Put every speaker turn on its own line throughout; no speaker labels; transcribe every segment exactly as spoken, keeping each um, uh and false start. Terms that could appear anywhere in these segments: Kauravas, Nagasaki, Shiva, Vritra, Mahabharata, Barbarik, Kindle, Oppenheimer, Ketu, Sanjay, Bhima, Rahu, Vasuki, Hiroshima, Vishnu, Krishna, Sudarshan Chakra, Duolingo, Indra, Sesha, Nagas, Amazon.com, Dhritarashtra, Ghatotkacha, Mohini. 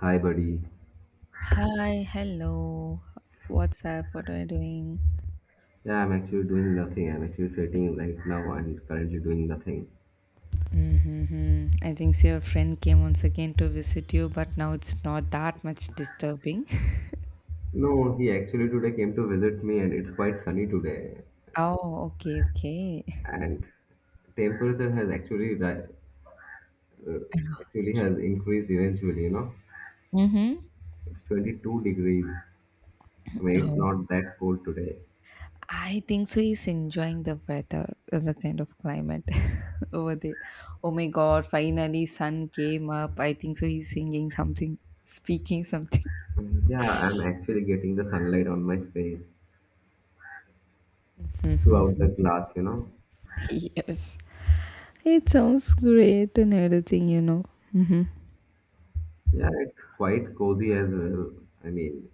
Hi, buddy.
Hi, hello. What's up? What are you doing?
Yeah, I'm actually doing nothing. I'm actually sitting right now and currently doing nothing.
Mm-hmm. I think so your friend came once again to visit you, but now it's not that much disturbing.
No, he actually today came to visit me, and it's quite sunny today.
Oh, okay, okay.
And temperature has actually ri- actually has increased eventually. You know,
Mm-hmm.
it's twenty-two degrees. I mean, it's
Oh,
not that cold today.
I think so. He's enjoying the weather, uh, the kind of climate over there. Oh my God! Finally, sun came up. I think so. He's singing something, speaking something.
Um, Yeah, I'm actually getting the sunlight on my face throughout
Mm-hmm.
the glass, you know.
Yes, it sounds great and everything, you know. Mm-hmm.
Yeah, it's quite cozy as well. I mean,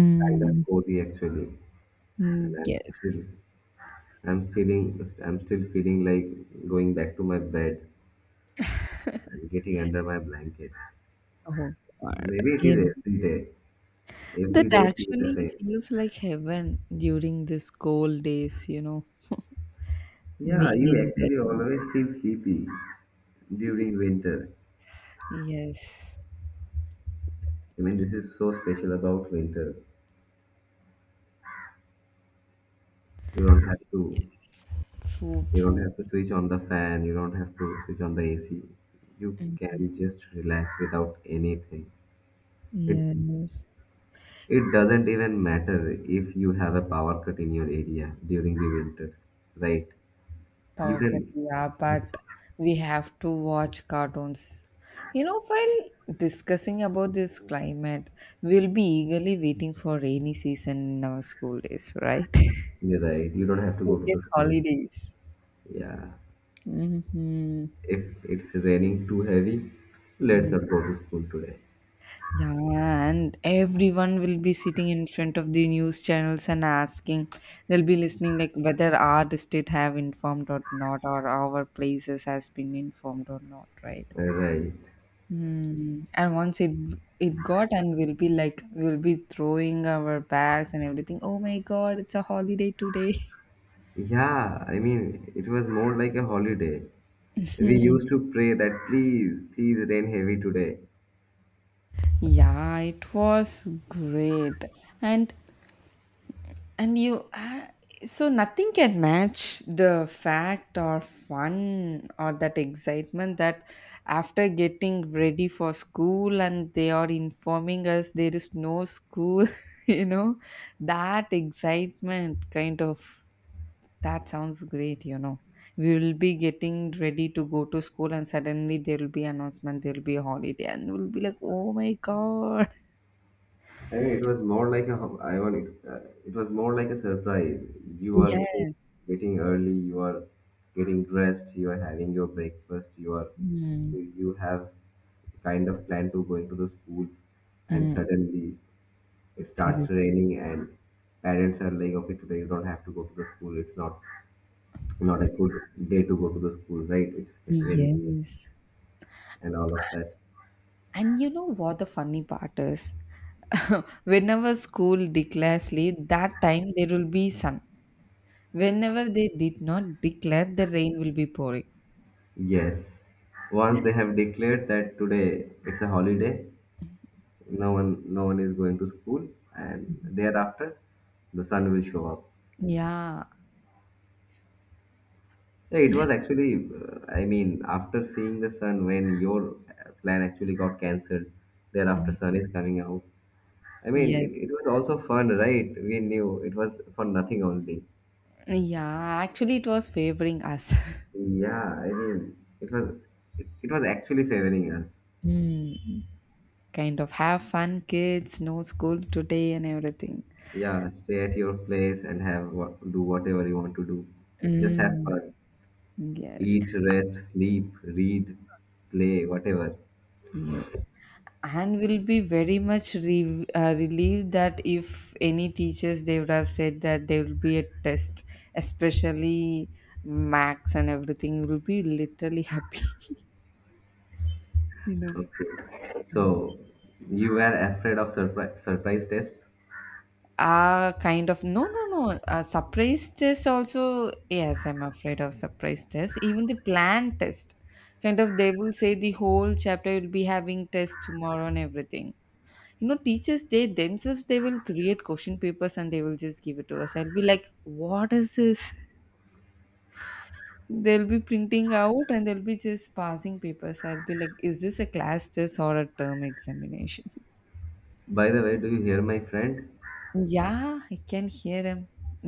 it's kind of cozy actually. And
Mm,
I'm
yes.
still I'm still I'm still feeling like going back to my bed and getting under my blanket.
Oh God.
Maybe it is
In
every day.
that
Every day feels the
actually
same.
feels like heaven during these cold days, you know,
Yeah,
being
you
in bed.
actually
You know.
always feel sleepy during winter.
Yes.
I mean, this is so special about winter. You don't have to.
True,
You don't
true.
have to switch on the fan. You don't have to switch on the A C. You
Mm.
can just relax without anything. It
Yes.
it doesn't even matter if you have a power cut in your area during the winters, right? You
Power cut,
can,
yeah, but we have to watch cartoons. You know, while discussing about this climate, we'll be eagerly waiting for rainy season in our school days, right?
you're right. You don't have to
To
go to
get
the school.
holidays.
Yeah.
Mm-hmm.
If it's raining too heavy, let's
Mm-hmm.
not go to school today.
Yeah, and everyone will be sitting in front of the news channels and asking. They'll be listening like whether our district have informed or not, or our places has been informed or not, right?
Right.
Hmm. And once it it got, and we'll be like we'll be throwing our bags and everything. Oh my God, it's a holiday today.
Yeah. I mean, it was more like a holiday. We
Hmm.
used to pray that please, please rain heavy today.
Yeah, it was great. And And you, uh, so nothing can match the fact or fun or that excitement that after getting ready for school and they are informing us there is no school, you know, that excitement kind of that sounds great, you know. We will be getting ready to go to school and suddenly there will be announcement, there will be a holiday and we'll be like, oh my god.
I mean, it was more like a, ho- I want it, uh, it was more like a surprise. You are getting,
Yes.
getting early, you are getting dressed, you are having your breakfast, you are,
Mm,
you you have kind of plan to going to the school and
mm,
suddenly it
there
starts
is.
raining and parents are like, okay, today you don't have to go to the school. It's not not a good day to go to the school, right? It's raining
Yes.
and all of that.
And you know what the funny part is? Whenever school declares late, that time there will be sun. Whenever they did not declare, the rain will be pouring.
Yes, once they have declared that today it's a holiday, no one no one is going to school, and thereafter the sun will show up.
Yeah.
Yeah, it was actually, uh, I mean, after seeing the sun when your uh, plan actually got cancelled, thereafter
Mm.
sun is coming out. I mean,
Yes.
it, it was also fun, right? We knew it was for nothing only.
Yeah. Actually, it was favoring us.
Yeah, I mean, it was it, it was actually favoring us.
Mm. Kind of have fun, kids, no school today, and everything.
Yeah, stay at your place and have what, do whatever you want to do. Just have
Mm.
fun,
Yes.
eat, rest, sleep, read, play, whatever.
Yes. And will be very much re- uh, relieved that if any teachers they would have said that there will be a test, especially max and everything, will be literally happy. You know,
Okay. So you were afraid of surprise surprise tests?
ah, kind of no, no, no. Uh, surprise test also. Yes, I'm afraid of surprise test. Even the planned test, kind of they will say the whole chapter will be having test tomorrow and everything, you know, teachers they themselves they will create question papers and they will just give it to us. I'll be like, what is this? They'll be printing out and they'll be just passing papers. I'll be like, is this a class test or a term examination?
By the way, do you hear my friend?
Yeah, I can hear him.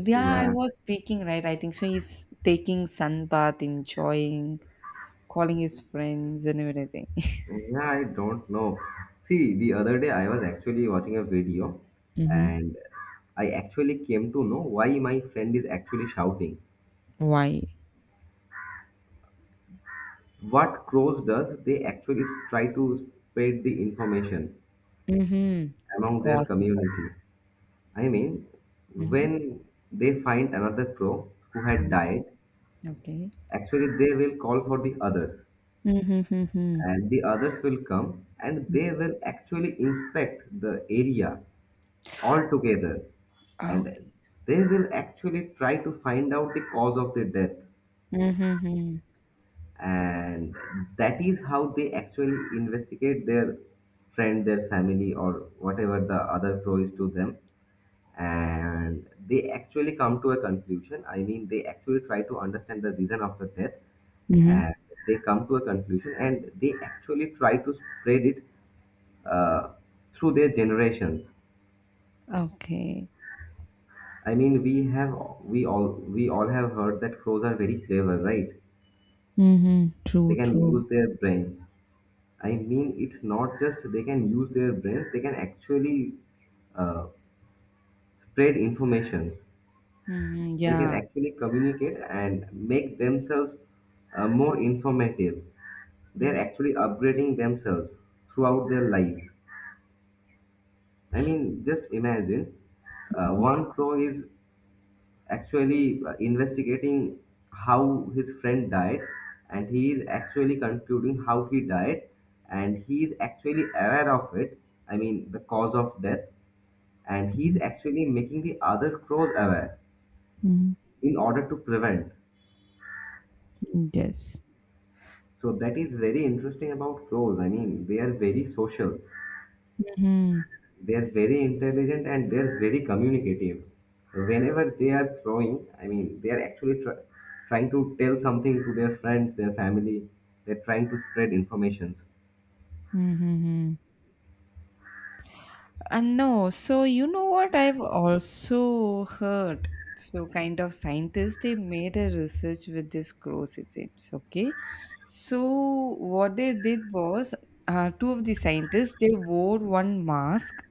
Yeah, I
Yeah,
was speaking, right? I think so he's taking sun bath, enjoying, calling his friends and everything.
yeah, I don't know. See, the other day I was actually watching a video
Mm-hmm.
and I actually came to know why my friend is actually shouting.
Why?
What crows does, they actually try to spread the information
Mm-hmm.
among their
Gossip.
community. I mean,
Mm-hmm.
when they find another crow who had died,
Okay.
actually they will call for the others
Mm-hmm.
and the others will come and they will actually inspect the area altogether
Okay.
and they will actually try to find out the cause of the death,
Mm-hmm.
and that is how they actually investigate their friend, their family, or whatever the other pro is to them, and they actually come to a conclusion. I mean, they actually try to understand the reason of the death,
Mhm.
and they come to a conclusion and they actually try to spread it uh, through their generations.
Okay.
I mean, we have we all we all have heard that crows are very clever, right?
Mhm. True,
They can
true.
use their brains. I mean, it's not just they can use their brains; they can actually uh, spread informations.
Mhm.
They can
Yeah.
actually communicate and make themselves uh, more informative. They're actually upgrading themselves throughout their lives. I mean, just imagine uh, one crow is actually uh, investigating how his friend died, and he is actually concluding how he died, and he is actually aware of it. I mean, the cause of death. And he is actually making the other crows aware
Mhm.
in order to prevent.
Yes.
So that is very interesting about crows. I mean, they are very social,
Hmm.
they are very intelligent, and they are very communicative. Whenever they are throwing, I mean, they are actually try, trying to tell something to their friends, their family. They're trying to spread informations.
Mm-hmm. And no, so you know what I've also heard. So kind of scientists they made a research with this crows. Crocodiles. Okay, so what they did was uh, two of the scientists they wore one mask.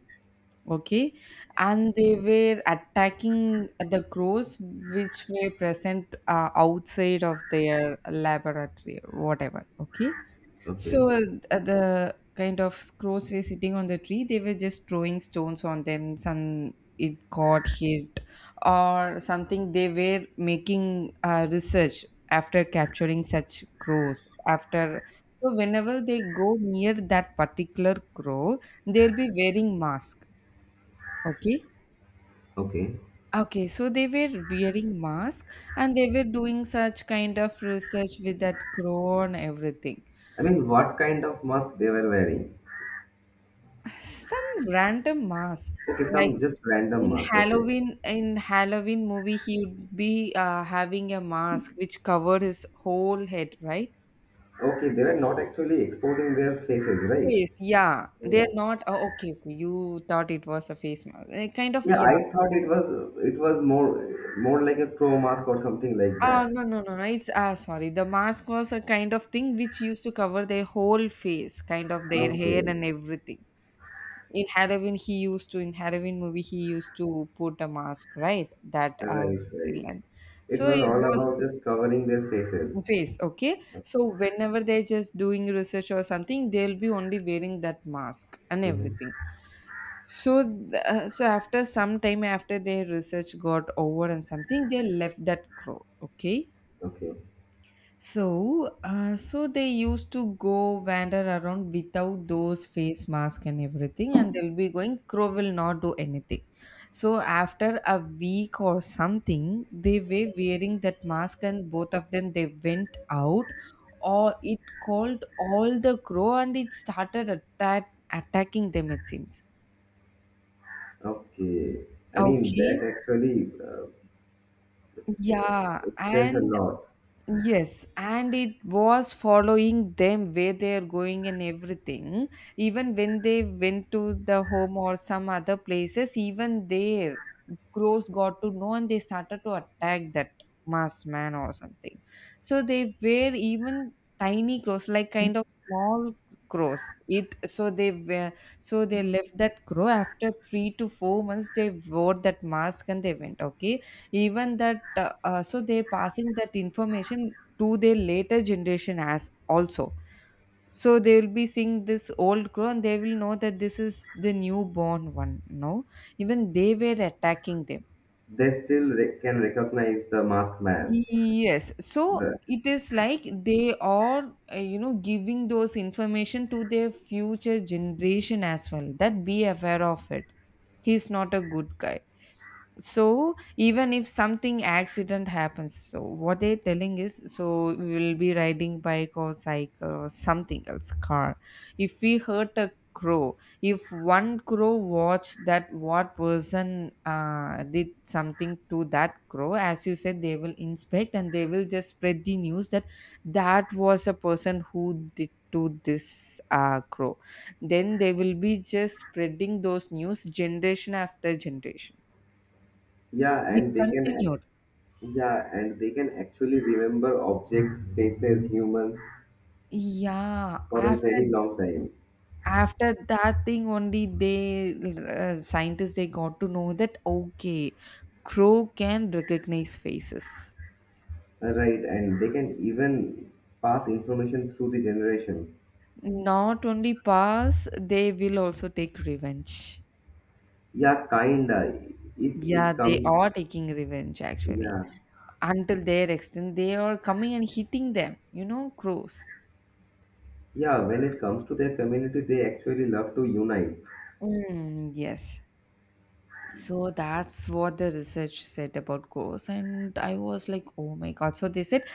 Okay, and they were attacking the crows which were present uh, outside of their laboratory, or whatever. Okay,
Okay,
so uh, the kind of crows were sitting on the tree, they were just throwing stones on them. Some it got hit or something. They were making uh, research after capturing such crows. After so, whenever they go near that particular crow, they'll be wearing mask. Okay.
okay.
Okay, so they were wearing masks and they were doing such kind of research with that crow and everything.
I mean, what kind of mask they were wearing?
Some random mask,
Okay,
like
some just random
in
mask, okay.
Halloween, in Halloween movie, he would be uh, having a mask which covered his whole head, right?
Okay, they were not actually exposing their faces, right?
Face, yeah. They're
Yeah,
not. Oh, okay, okay. You thought it was a face mask. Eh, kind of.
yeah
Yeah.
I thought it was it was more more like a crow mask or something like
Ah,
that,
no, no, no, no. It's ah, sorry. The mask was a kind of thing which used to cover their whole face, kind of their hair
okay.
and everything. In Halloween he used to, in Halloween movie he used to put a mask, right? That uh,
Right, right.
len-,
It
so
was
it
all
was
about just covering their faces.
face. Okay, so whenever they're just doing research or something they'll be only wearing that mask and
Mhm.
everything. So th- uh, so after some time, after their research got over and something, they left that crow. Okay,
Okay.
so, uh, so they used to go wander around without those face mask and everything, and they'll be going. Crow will not do anything. So after a week or something, they were wearing that mask, and both of them they went out, or it called all the crow, and it started attack attacking them. It seems.
Okay. I mean, that
Okay.
actually uh, e-
Yeah,
explains a
and
lot.
yes, and it was following them where they are going and everything. Even when they went to the home or some other places, even there, crows got to know and they started to attack that masked man or something. So they were even tiny crows, like kind of small crows. It so they were, so they left that crow after three to four months. They wore that mask and they went. Okay, even that uh, uh, so they passing that information to their later generation as also, so they will be seeing this old crow and they will know that this is the newborn one, no, even they were attacking them.
They still re- can recognize the masked man.
Yes, so
The,
it is like they are, uh, you know, giving those information to their future generation as well, that be aware of it, he's not a good guy. So even if something accident happens, so what they're telling is, so we will be riding bike or cycle or something else car, if we hurt a crow, if one crow watch that, what person uh, did something to that crow, as you said they will inspect and they will just spread the news that that was a person who did to this uh, crow. Then they will be just spreading those news generation after generation,
yeah,
it
and they can ac-
continued.
yeah, and they can actually remember objects, faces, humans
Yeah,
for a
after
very long time.
after that thing only they uh, scientists they got to know that okay, crow can recognize faces.
Uh, Right, and they can even pass information through the generation.
Not only pass, they will also take revenge.
Yeah, kinda. If
Yeah,
it's
they
come,
are taking revenge actually.
yeah.
Until their extent, they are coming and hitting them. You know, crows.
Yeah, when it comes to their community, they actually love to unite.
Mm, yes. So that's what the research said about ghosts, and I was like, oh my god. So they said,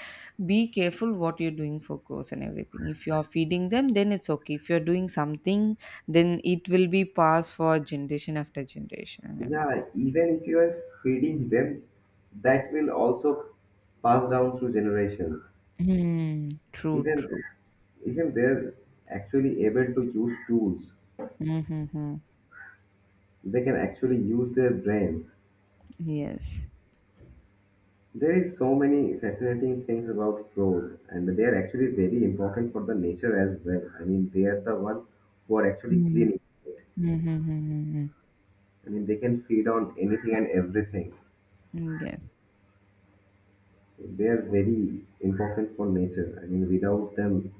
be careful what you're doing for crows and everything. If you are feeding them then it's okay. If you're doing something, then it will be passed for generation after generation and
Yeah,
everything.
even if you are feeding them, that will also pass down through generations.
Hmm. True,
Even
true.
even they're actually able to use tools.
Mm-hmm.
They can actually use their brains.
Yes.
There is so many fascinating things about crows, and they are actually very important for the nature as well. I mean, they are the one who are actually
Mm-hmm.
cleaning. I mean, they can feed on anything and everything.
Yes,
They are very important for nature. I mean, without them,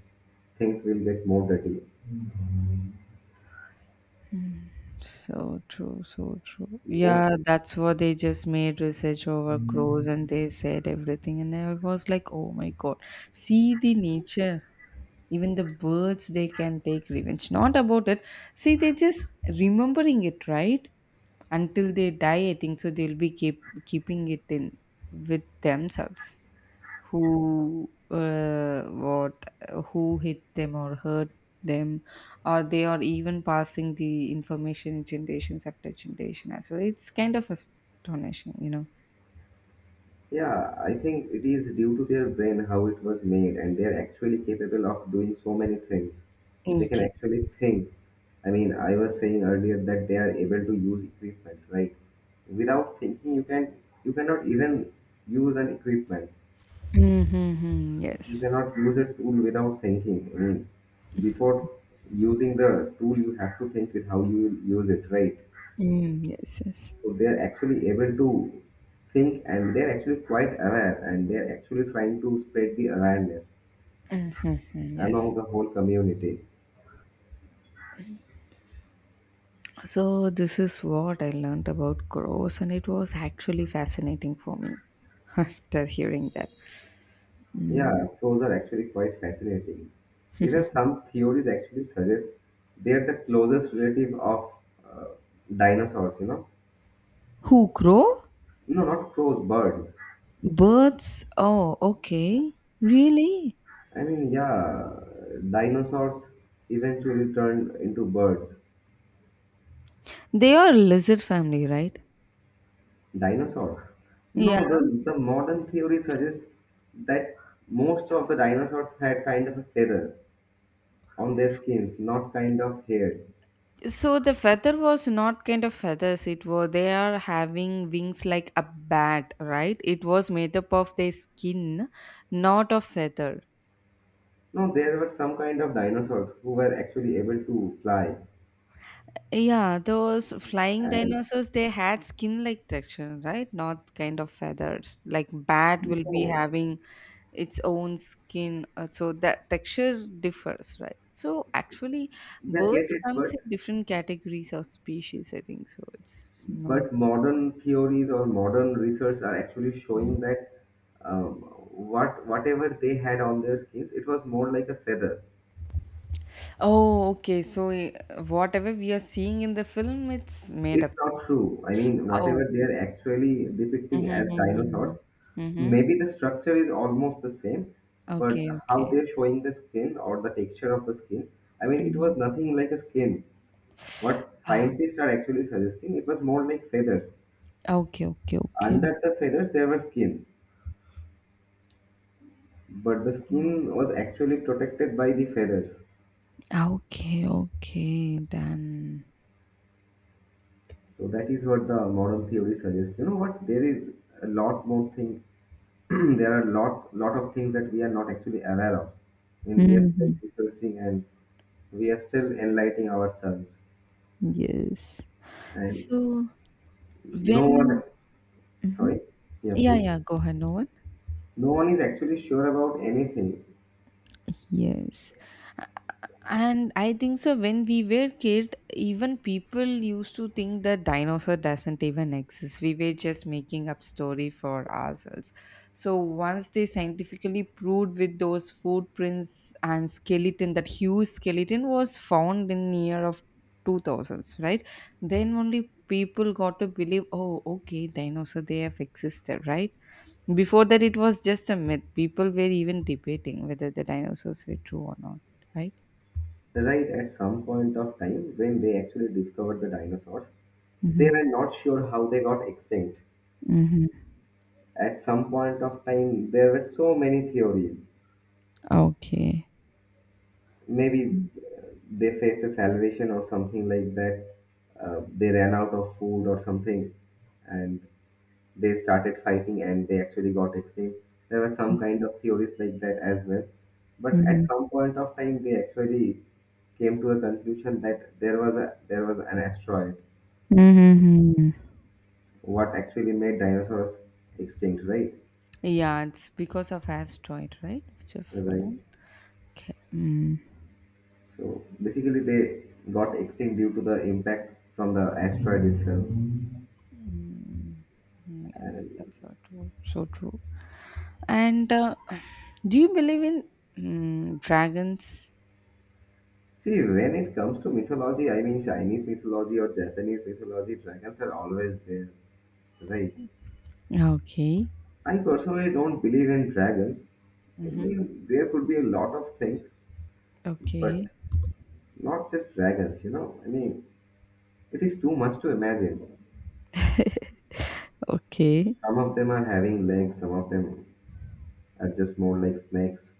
things will get more dirty.
so true, so true.
Most,
Yeah, that's what they just made research over crows and they said everything. And I was like, oh my God, see the nature, even the birds they can take revenge, not about it, see they just remembering it, right? Until they die, I think so they'll be keep keeping it in with themselves, who, uh, what, who hit them or hurt them, or they are even passing the information generations after generation as well, it's kind of astonishing, you know.
yeah, I think it is due to their brain how it was made, and they are actually capable of doing so many things.
Mm,
They can
yes.
actually think. I mean, I was saying earlier that they are able to use equipments. Like, without thinking, you can you cannot even use an equipment.
Mm-hmm,
You
yes.
cannot use a tool without thinking. I mean, before using the tool, you have to think with how you will use it, right?
Mm, yes, yes.
So they're actually able to think, and they're actually quite aware, and they're actually trying to spread the awareness
Mm-hmm,
among
yes.
the whole community.
So, this is what I learned about crows, and it was actually fascinating for me after hearing that. Mm.
Yeah, crows are actually quite fascinating. Even some theories actually suggest they're the closest relative of uh, dinosaurs, you know.
Who, crow?
No, not crows, birds.
Birds? Oh, okay. Really?
I mean, yeah, dinosaurs eventually turned into birds.
They are lizard family, right?
Dinosaurs?
Yeah.
No, the, the modern theory suggests that most of the dinosaurs had kind of a feather on their skins, not kind of hairs.
So the feather was not kind of feathers. It was they are having wings like a bat, right? It was made up of their skin, not of feather.
No, there were some kind of dinosaurs who were actually able to fly.
Yeah, those flying
And
dinosaurs, they had skin like texture, right? Not kind of feathers. Like bat will be
no,
having its own skin, uh, so that texture differs, right? So actually,
yeah,
birds
get it,
comes
but
in different categories of species. I think so. It's not.
but modern theories or modern research are actually
Mhm.
showing that um, what whatever they had on their skins, it was more like a feather.
Oh, okay. So eh, whatever we are seeing in the film, it's made up.
It's not true. I mean,
Oh.
whatever they are actually depicting
Mm-hmm,
as
mm-hmm.
dinosaurs,
Mm-hmm. Mm-hmm.
maybe the structure is almost the same, but
Okay,
how
okay.
they're showing the skin or the texture of the skin, I mean, it
Mm-hmm.
was nothing like a skin. What
Ah,
scientists are actually suggesting, it was more like feathers.
okay, okay, okay.
Under the feathers, there were skin, but the skin was actually protected by the feathers.
Ah, okay, okay, then.
So that is what the modern theory suggests. You know what? There is a lot more thing there are lot lot of things that we are not actually aware of. I mean, we are still
Hmm.
researching, and we are still enlightening ourselves.
Yes.
And
So
no one,
when, hmm,
sorry, yeah,
yeah,
please.
yeah, go ahead, no one.
No one is actually sure about anything,
Yes. And I think so when we were kid, even people used to think that dinosaur doesn't even exist. We were just making up story for ourselves. So once they scientifically proved with those footprints and skeleton that huge skeleton was found in year of two thousands, right? Then only people got to believe, oh, okay, dinosaur they have existed, right? Before that, it was just a myth. People were even debating whether the dinosaurs were true or not, right?
right? At some point of time, when they actually discovered the dinosaurs, they were not sure how they got extinct.
Mhm.
At some point of time, there were so many theories.
Okay.
Maybe they faced a salvation or something like that. Uh, they ran out of food or something, and they started fighting, and they actually got extinct. There were some kind of theories like that as well. But at
Mhm.
some point of time, they actually came to a conclusion that there was a there was an asteroid.
Mhm.
What actually made dinosaurs extinct, right?
Yeah, it's because of asteroid, right? Which have
Right.
fallen. Okay. Mm.
So basically, they got extinct due to the impact from the asteroid itself.
Mm. Yes, that's so true. So true. And uh, do you believe in mm, dragons?
See, when it comes to mythology, I mean Chinese mythology or Japanese mythology, dragons are always there, right?
Okay.
I personally don't believe in dragons. I
Mm-hmm.
mean, there could be a lot of things, but
Okay.
not just dragons, you know? I mean, it is too much to imagine.
Okay.
Some of them are having legs, some of them are just more like snakes.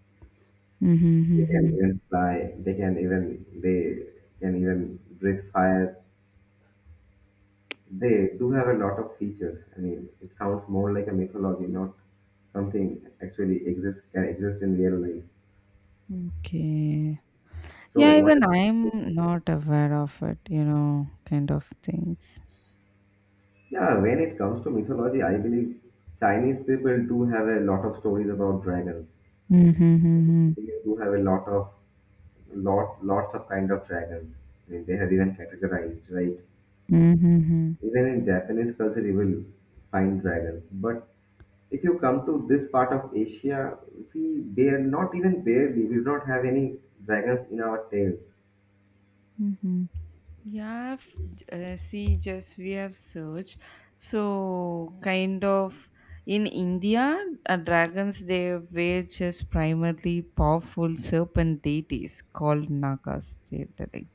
They can
Mm-hmm.
even fly, they can even, they can even breathe fire. They do have a lot of features. I mean, it sounds more like a mythology, not something actually exists can exist in real life.
Mm-hmm. Okay.
So
Yeah,
what
even I'm not aware of it, you know, kind of things.
yeah, when it comes to mythology, I believe Chinese people do have a lot of stories about dragons.
Mm-hmm. Mm-hmm.
They do have a lot of lot lots of kind of dragons. I mean, they have even categorized, right?
Mm-hmm.
Even in Japanese culture, you will find dragons, but if you come to this part of Asia, we bear not even barely, we do not have any dragons in our tails.
Mm-hmm. Yeah, f- uh, see, just we have searched. So, kind of in India, uh, dragons they were just primarily powerful serpent deities called Nagas. They, they,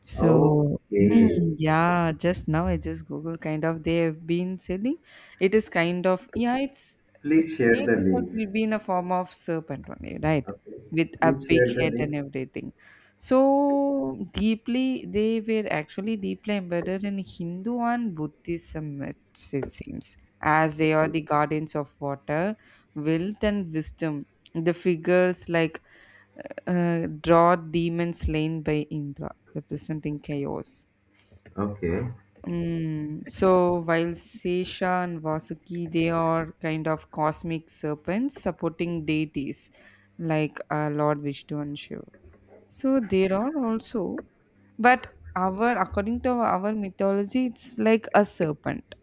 so, mm,
Okay.
yeah, just now I just Google kind of they have been selling. It is kind of yeah, it's its
Please share
shape
the
itself
link.
will be in a form of serpent only, right?
Okay.
With a
Please
big
share the
head and
link.
everything. So deeply they were actually deeply embedded in Hindu and Buddhism myths, it seems, as they are
Okay.
the guardians of water, wealth and wisdom. The figures like uh, draw Demon slain by Indra, representing chaos.
Okay.
Mm. So while Sesha and Vasuki, they are kind of cosmic serpents supporting deities like uh, Lord Vishnu and Shiva. So there are also, but our according to our mythology, it's like a serpent.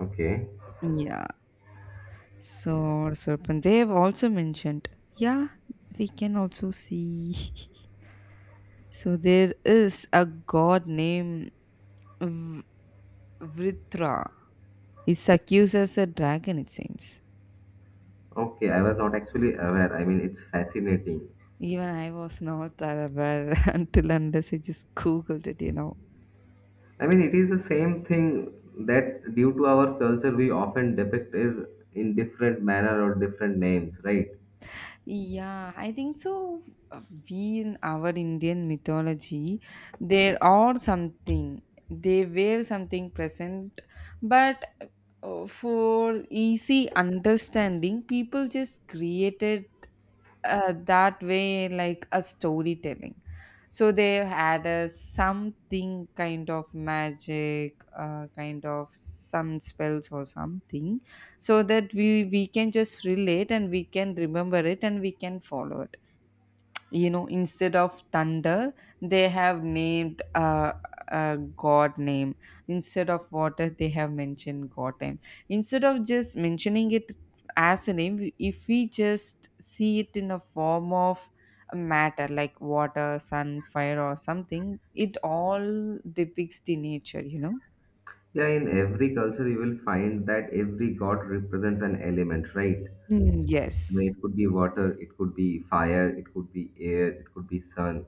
Okay.
Yeah. So serpent. They have also mentioned. Yeah, we can also see. So there is a god named V- Vritra is accused as a dragon, it seems.
Okay. I was not actually aware. I mean, it's fascinating.
Even I was not aware until unless I just googled it, you know.
I mean, it is the same thing that due to our culture, we often depict is in different manner or different names, right?
Yeah, I think so. Uh, We in our Indian mythology, there are something, they were something present, but uh, for easy understanding, people just created uh, that way like a storytelling, so they had a something kind of magic uh, kind of some spells or something, so that we we can just relate and we can remember it and we can follow it, you know. Instead of thunder they have named uh, a god name, instead of water they have mentioned god name, instead of just mentioning it as a name, we- if we just see it in a form of a matter like water, sun, fire or something, it all depicts the nature, you know.
Yeah, in every culture, you will find that every god represents an element, right?
Mm,
I mean,
yes.
it could be water, it could be fire, it could be air, it could be sun.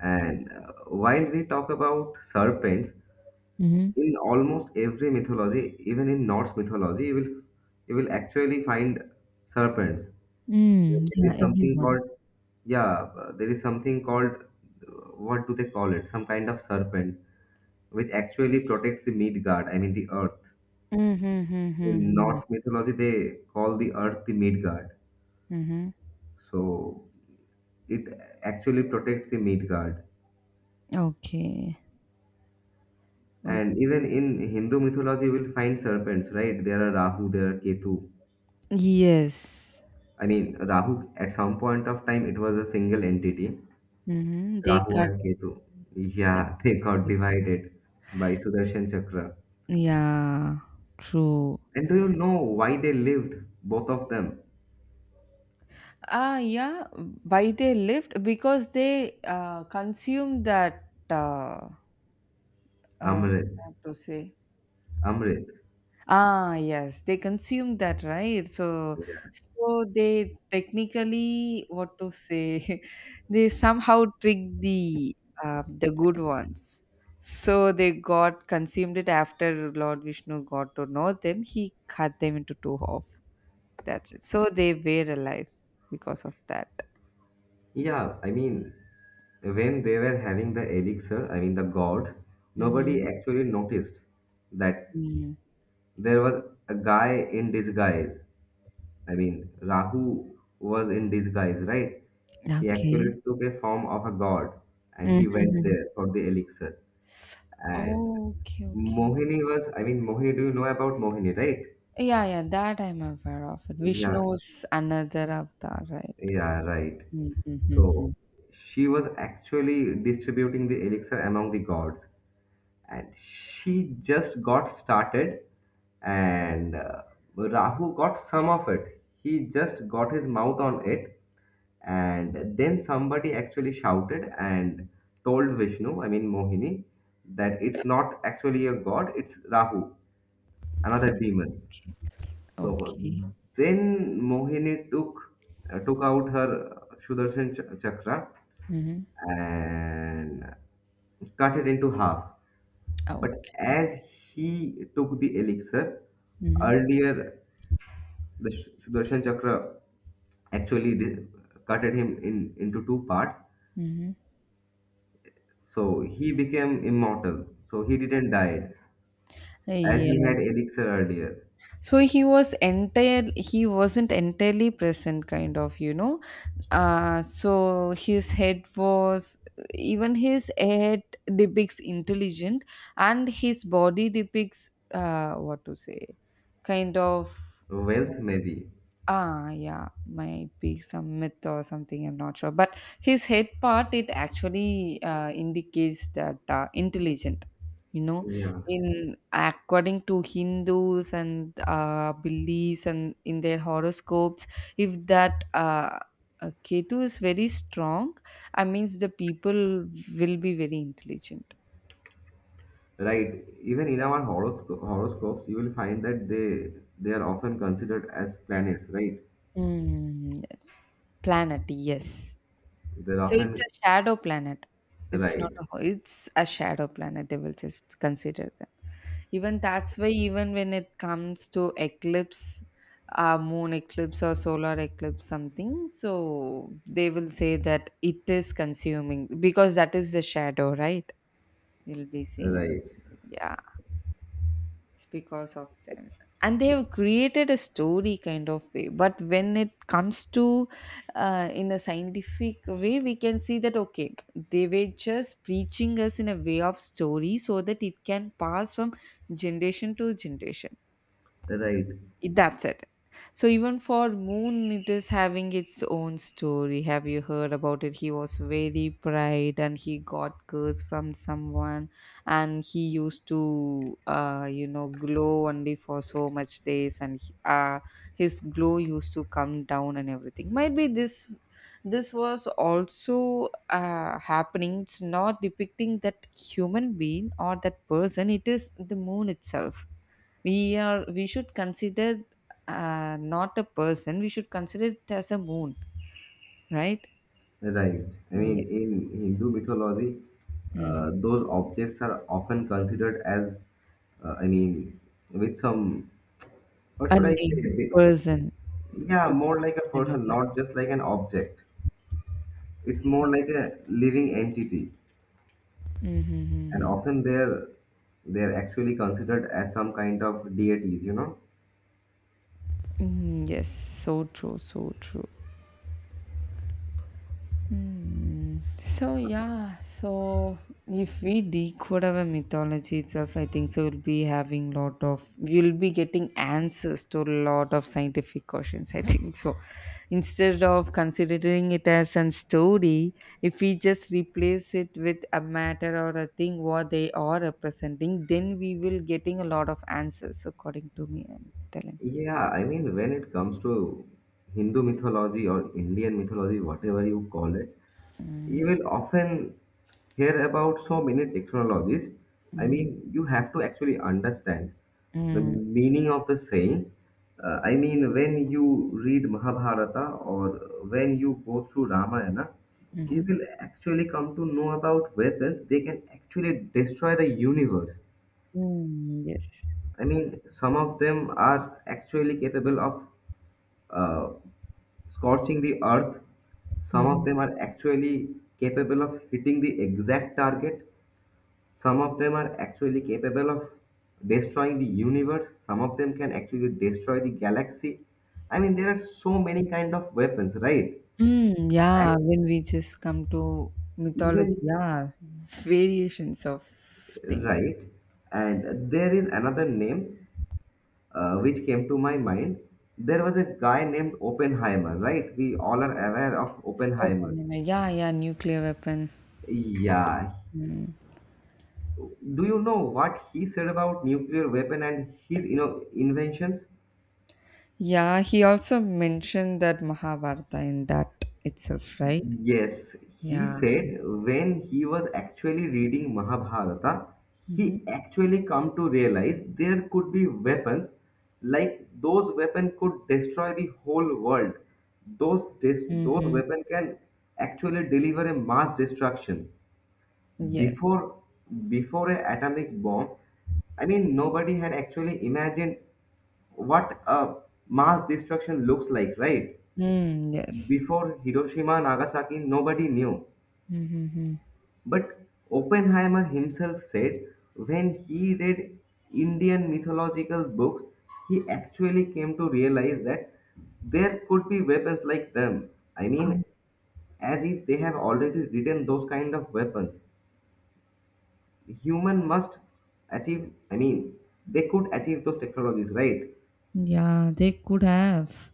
And uh, while we talk about serpents,
Mm-hmm.
in almost every mythology, even in Norse mythology, you will you will actually find serpents.
Mm,
And there
yeah,
is something
everyone.
called, yeah, uh, there is something called, uh, what do they call it? Some kind of serpent, which actually protects the Midgard. I mean the earth. In
Mm-hmm.
Norse mythology, they call the earth the Midgard.
Mm-hmm.
So it actually protects the Midgard.
Hmm. Okay.
And even in Hindu mythology, you will find serpents, right? There are Rahu, there are Ketu.
Yes.
I mean, Rahu at some point of time it was a single entity.
Mhm. They
Rahu
cut.
and Ketu.
Yes.
Yeah, they got
Like-
divided by Sudarshan Chakra.
Yeah. True.
And do you know why they lived, both of them?
Ah, yeah. Why they lived? Because they uh, consumed that. Uh, uh,
Amrit.
what to say?
Amrit.
Ah, yes, they consume that, right? So,
Yeah.
so they technically, what to say, they somehow tricked the uh, the good ones. So they got consumed it after Lord Vishnu got to know them. He cut them into two half. That's it. So they were alive because of that.
Yeah, I mean, when they were having the elixir, I mean the gods, nobody
Mm-hmm.
actually noticed that
Mm.
there was a guy in disguise. I mean, Rahu was in disguise, right? He
Okay.
actually took a form of a god and he went
Mm-hmm.
there for the elixir. And
Oh, okay, okay.
Mohini was, I mean, Mohini, do you know about Mohini, right?
Yeah, yeah, that I'm aware of it.
Yeah,
Vishnu's another avatar, right?
yeah, right.
Mm-hmm.
So she was actually distributing the elixir among the gods, and she just got started, and uh, Rahu got some of it. He just got his mouth on it, and then somebody actually shouted and told Vishnu, I mean Mohini, that it's not actually a god, it's Rahu, another demon. So
Okay.
then Mohini took uh, took out her Sudarshan ch- chakra
Mm-hmm.
and cut it into half. But
Okay.
as he took the elixir,
Mm-hmm.
earlier the Sh- Sudarshan chakra actually di- cut at him in into two parts.
Mm-hmm.
So he became immortal. So he didn't die as he had
Yes.
elixir earlier.
So he was entire. He wasn't entirely present, kind of, you know. Uh so his head was even his head depicts intelligent, and his body depicts uh what to say, kind of. uh,
Wealth maybe.
Ah, yeah, might be some myth or something, I'm not sure. But his head part, it actually uh, indicates that uh, intelligent, you know,
Yeah.
in according to Hindus and uh, beliefs and in their horoscopes, if that uh, uh, Ketu is very strong, I means the people will be very intelligent.
Right. Even in our horo- horoscopes, you will find that they they are often considered as planets, right?
Mm, yes, planet, yes.
They're
So it's
often
a shadow planet. It's not
right,
a ho- it's a shadow planet. They will just consider them. Even that's why even when it comes to eclipse, uh, moon eclipse or solar eclipse something, so they will say that it is consuming because that is the shadow, right? You'll be seeing it.
right,
Yeah, it's because of them, and they've created a story kind of way, but when it comes to uh, in a scientific way, we can see that okay, they were just preaching us in a way of story so that it can pass from generation to generation.
right,
it- That's it. So even for Moon, it is having its own story. Have you heard about it? He was very bright, and he got curse from someone, and he used to, uh, you know, glow only for so much days, and he- uh, his glow used to come down and everything. Might be this, this was also uh, happening. It's not depicting that human being or that person. It is the moon itself we are we should consider uh, not a person, we should consider it as a moon, right?
right. I
Yeah.
mean, in Hindu mythology,
Mhm.
uh, those objects are often considered as, uh, I mean, with some, what
A
should I
name
say?
person.
Yeah,
just
more like a person,
remember
not just like an object. It's more like a living entity,
Mm-hmm.
and
Mm-hmm.
often they're they're actually considered as some kind of deities, you know?
Mm-hmm, yes, so true, so true. Mm, so yeah, so if we decode our mythology itself, I think so we'll be having lot of we'll be getting answers to a lot of scientific questions, I think so. Instead of considering it as a story, if we just replace it with a matter or a thing what they are representing, then we will getting a lot of answers according to me, I'm telling.
Yeah, I mean, when it comes to Hindu mythology or Indian mythology, whatever you call it, you
Mm.
will often hear about so many technologies. I
Hmm.
mean, you have to actually understand the
Mm,
meaning of the saying. Uh, I mean, when you read Mahabharata or when you go through Ramayana, you
mhm,
will actually come to know about weapons. They can actually destroy the universe.
mm, yes.
I mean, some of them are actually capable of uh, scorching the earth. Some
Hmm.
of them are actually capable of hitting the exact target. Some of them are actually capable of destroying the universe. Some of them can actually destroy the galaxy. I mean, there are so many kind of weapons, right?
Mm, yeah,
And
when we just come to mythology,
even
yeah, variations of things.
right, and there is another name, uh, which came to my mind. There was a guy named Oppenheimer, right? We all are aware of Oppenheimer.
Oppenheimer, yeah, yeah, nuclear weapon.
Yeah,
Mm.
do you know what he said about nuclear weapon and his inno- inventions?
Yeah, he also mentioned that Mahabharata in that itself, right?
Yes, he
Yeah.
said when he was actually reading Mahabharata,
Mm-hmm.
he actually come to realize there could be weapons like those weapon could destroy the whole world. Those des- those
Mm-hmm.
weapon can actually deliver a mass destruction
Yes.
before before a atomic bomb. I mean, nobody had actually imagined what a mass destruction looks like, right?
Mm, yes.
Before Hiroshima and Nagasaki, nobody knew.
Mm-hmm.
But Oppenheimer himself said when he read Indian mythological books, he actually came to realize that there could be weapons like them. I mean, as if they have already written those kind of weapons. Human must achieve, I mean, they could achieve those technologies, right?
Yeah, they could have.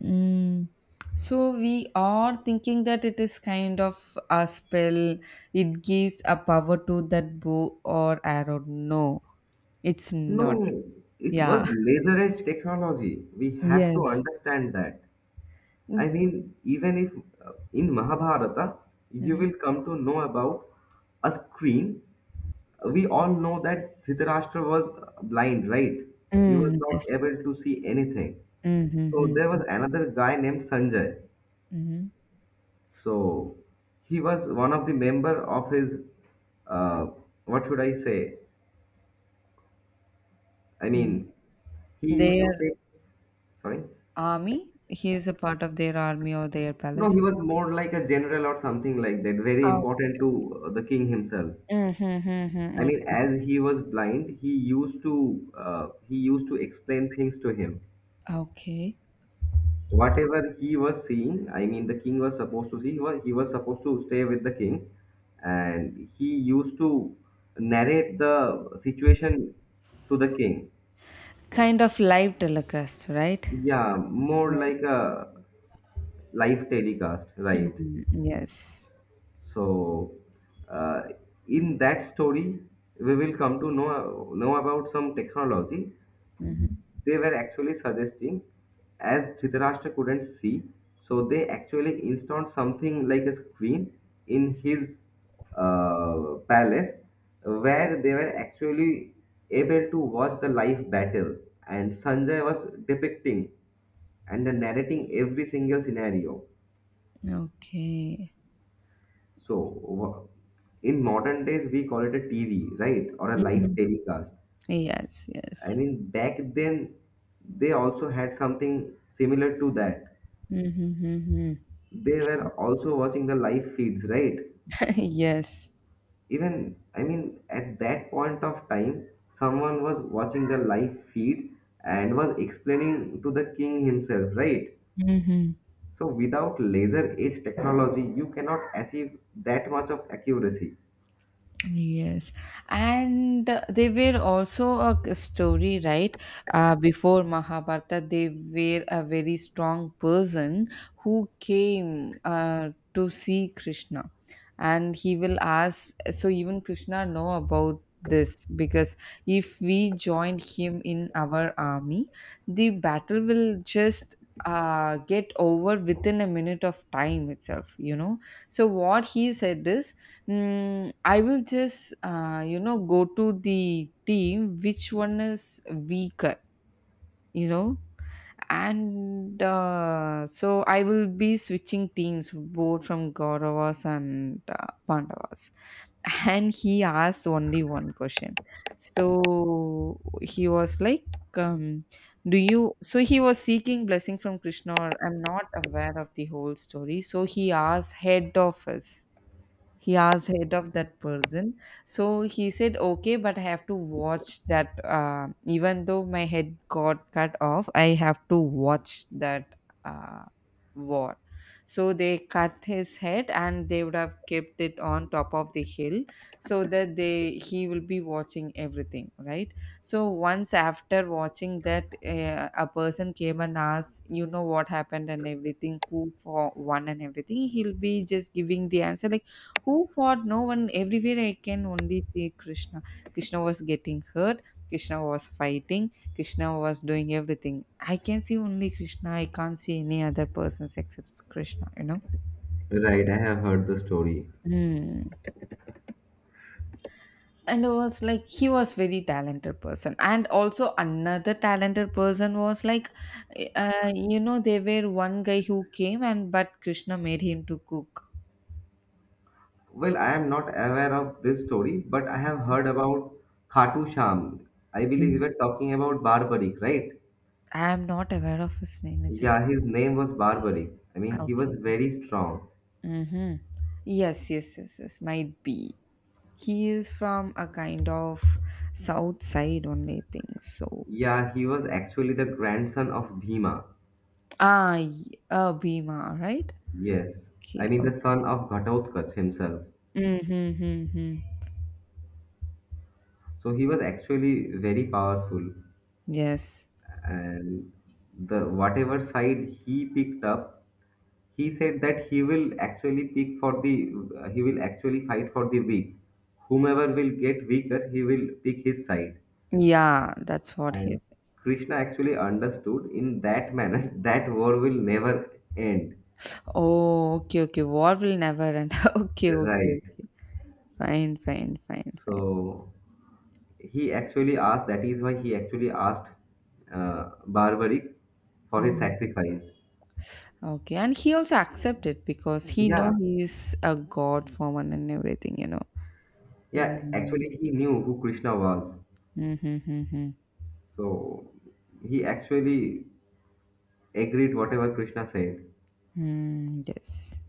Mm. So we are thinking that it is kind of a spell. It gives a power to that bow or arrow. No, it's not.
No, it
Yeah.
was laser edge technology. We have to
Yes.
understand that. I mean, even if uh, in Mahabharata, you
Mm-hmm.
will come to know about a screen. We all know that Dhritarashtra was uh, blind, right? He was
Mm,
not
yes.
able to see anything. So
Mm-hmm.
there was another guy named Sanjay.
Hmm.
So he was one of the member of his, uh, what should I say? I
Hmm.
mean, he used to
Their
take, sorry.
army. He is a part of their army or their
No,
palace.
he was more like a general or something like that, very important
Okay.
to uh, the king himself.
Mm-hmm.
I mean,
Okay.
as he was blind, he used to uh, he used to explain things to him.
Okay.
Whatever he was seeing, I mean, the king was supposed to see. He was, he was supposed to stay with the king, and he used to narrate the situation to the king.
Kind of live telecast, right?
Yeah, more
Yes.
like a live telecast, right?
Mhm. Yes.
So, uh, in that story, we will come to know know about some technology they were actually suggesting. As Dhritarashtra couldn't see, so they actually installed something like a screen in his uh, palace, where they were actually able to watch the live battle, and Sanjay was depicting and narrating every single scenario.
Okay.
So wha- in modern days, we call it a T V, right? Or a live
Mhm.
telecast.
Yes,
I
yes.
mean, back then, they also had something similar to that.
Mhm, mhm.
They were also watching the live feeds, right?
Yes.
Even, I mean, at that point of time, someone was watching the live feed and was explaining to the king himself, right?
Mhm.
So without laser edge technology, you cannot achieve that much of accuracy.
Yes, and uh, they were also a k- story, right? Uh, before Mahabharata, they were a very strong person who came uh, to see Krishna, and he will ask. So even Krishna know about this, because if we join him in our army, the battle will just uh, get over within a minute of time itself, you know. So what he said is, mm, I will just, uh, you know, go to the team which one is weaker, you know, and uh, so I will be switching teams both from Kauravas and uh, Pandavas. And he asked only one question. So he was like, um, do you so he was seeking blessing from Krishna, or I'm not aware of the whole story, so he asked head of us, he was head of that person. So he said okay, but I have to watch that, uh, even though my head got cut off, I have to watch that, uh, war. So they cut his head and they would have kept it on top of the hill, so that they he will be watching everything, right? So once after watching that, uh, a person came and asked, you know, what happened and everything, who for won and everything, he'll be just giving the answer like, who fought? No one. Everywhere I can only see Krishna. Krishna was getting hurt. Krishna was fighting. Krishna was doing everything. I can see only Krishna. I can't see any other persons except Krishna, you know.
Right, I have heard the story.
Hmm. And it was like he was very talented person, and also another talented person was like, uh, you know, they were one guy who came and but Krishna made him to cook.
Well, I am not aware of this story, but I have heard about Khatu Sham. I believe we
Mm.
were talking about Barbarik, right?
I am not aware of his name. It's
Yeah,
just
his name was Barbarik. I mean, he was
okay.
very strong.
Mm-hmm. Yes, yes, yes, yes. Might be. He is from a kind of south side only, I think. So,
Yeah, he was actually the grandson of Bhima.
ah, y- uh, Bhima, right?
Yes, I
Okay.
mean the
Okay.
son of Ghatotkacha himself.
Mm-hmm. Mm-hmm.
So he was actually very powerful,
Yes.
and the whatever side he picked up, he said that he will actually pick for the, uh, he will actually fight for the weak, whomever will get weaker he will pick his side.
Yeah, that's what he
And
is.
Krishna actually understood in that manner that war will never end,
Oh, okay, okay. War will never end. Okay, okay,
right?
okay. Fine, fine, fine, fine.
So he actually asked, that is why he actually asked, uh, Barbaric for his
Mhm.
sacrifice.
Okay, and he also accepted because he know
Yeah,
he is a god form and everything, you know.
yeah,
Mm-hmm.
actually he knew who Krishna was.
Mm-hmm, mm-hmm.
So he actually agreed whatever Krishna said.
Mm, yes.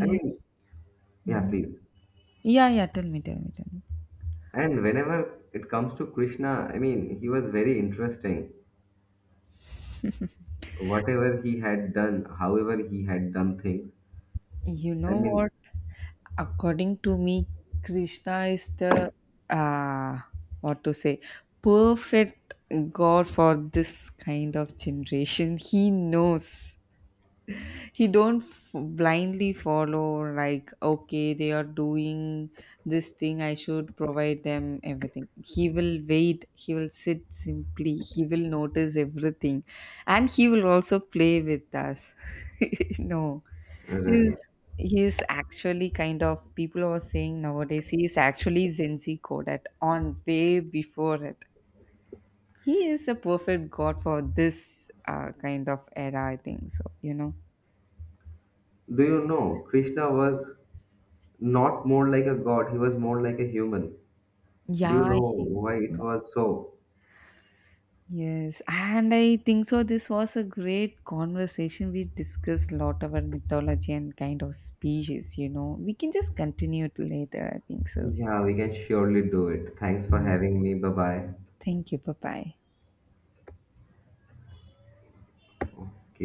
I mean, yeah,
mhm.
please.
Yeah, yeah, tell me, tell me, tell me.
And whenever it comes to Krishna, I mean, he was very interesting. Whatever he had done, however he had done things,
You
I
know
mean,
what? According to me, Krishna is the uh what to say perfect God for this kind of generation. He knows. He don't f- Blindly follow like okay they are doing this thing I should provide them everything, he will wait, he will sit simply, he will notice everything, and he will also play with us. No,
right.
he's he's actually kind of people are saying nowadays he is actually zenzi coded on way before it. He is a perfect god for this uh, kind of era, I think so, you know.
Do you know Krishna was not more like a god, he was more like a human. Do you
Yeah
know
he
why it
was-
was so?
Yes, and I think so. This was a great conversation. We discussed a lot about mythology and kind of species, you know. We can just continue it later, I think so.
Yeah, we can surely do it. Thanks for having me. Bye bye.
Thank you. Bye bye.
Okay.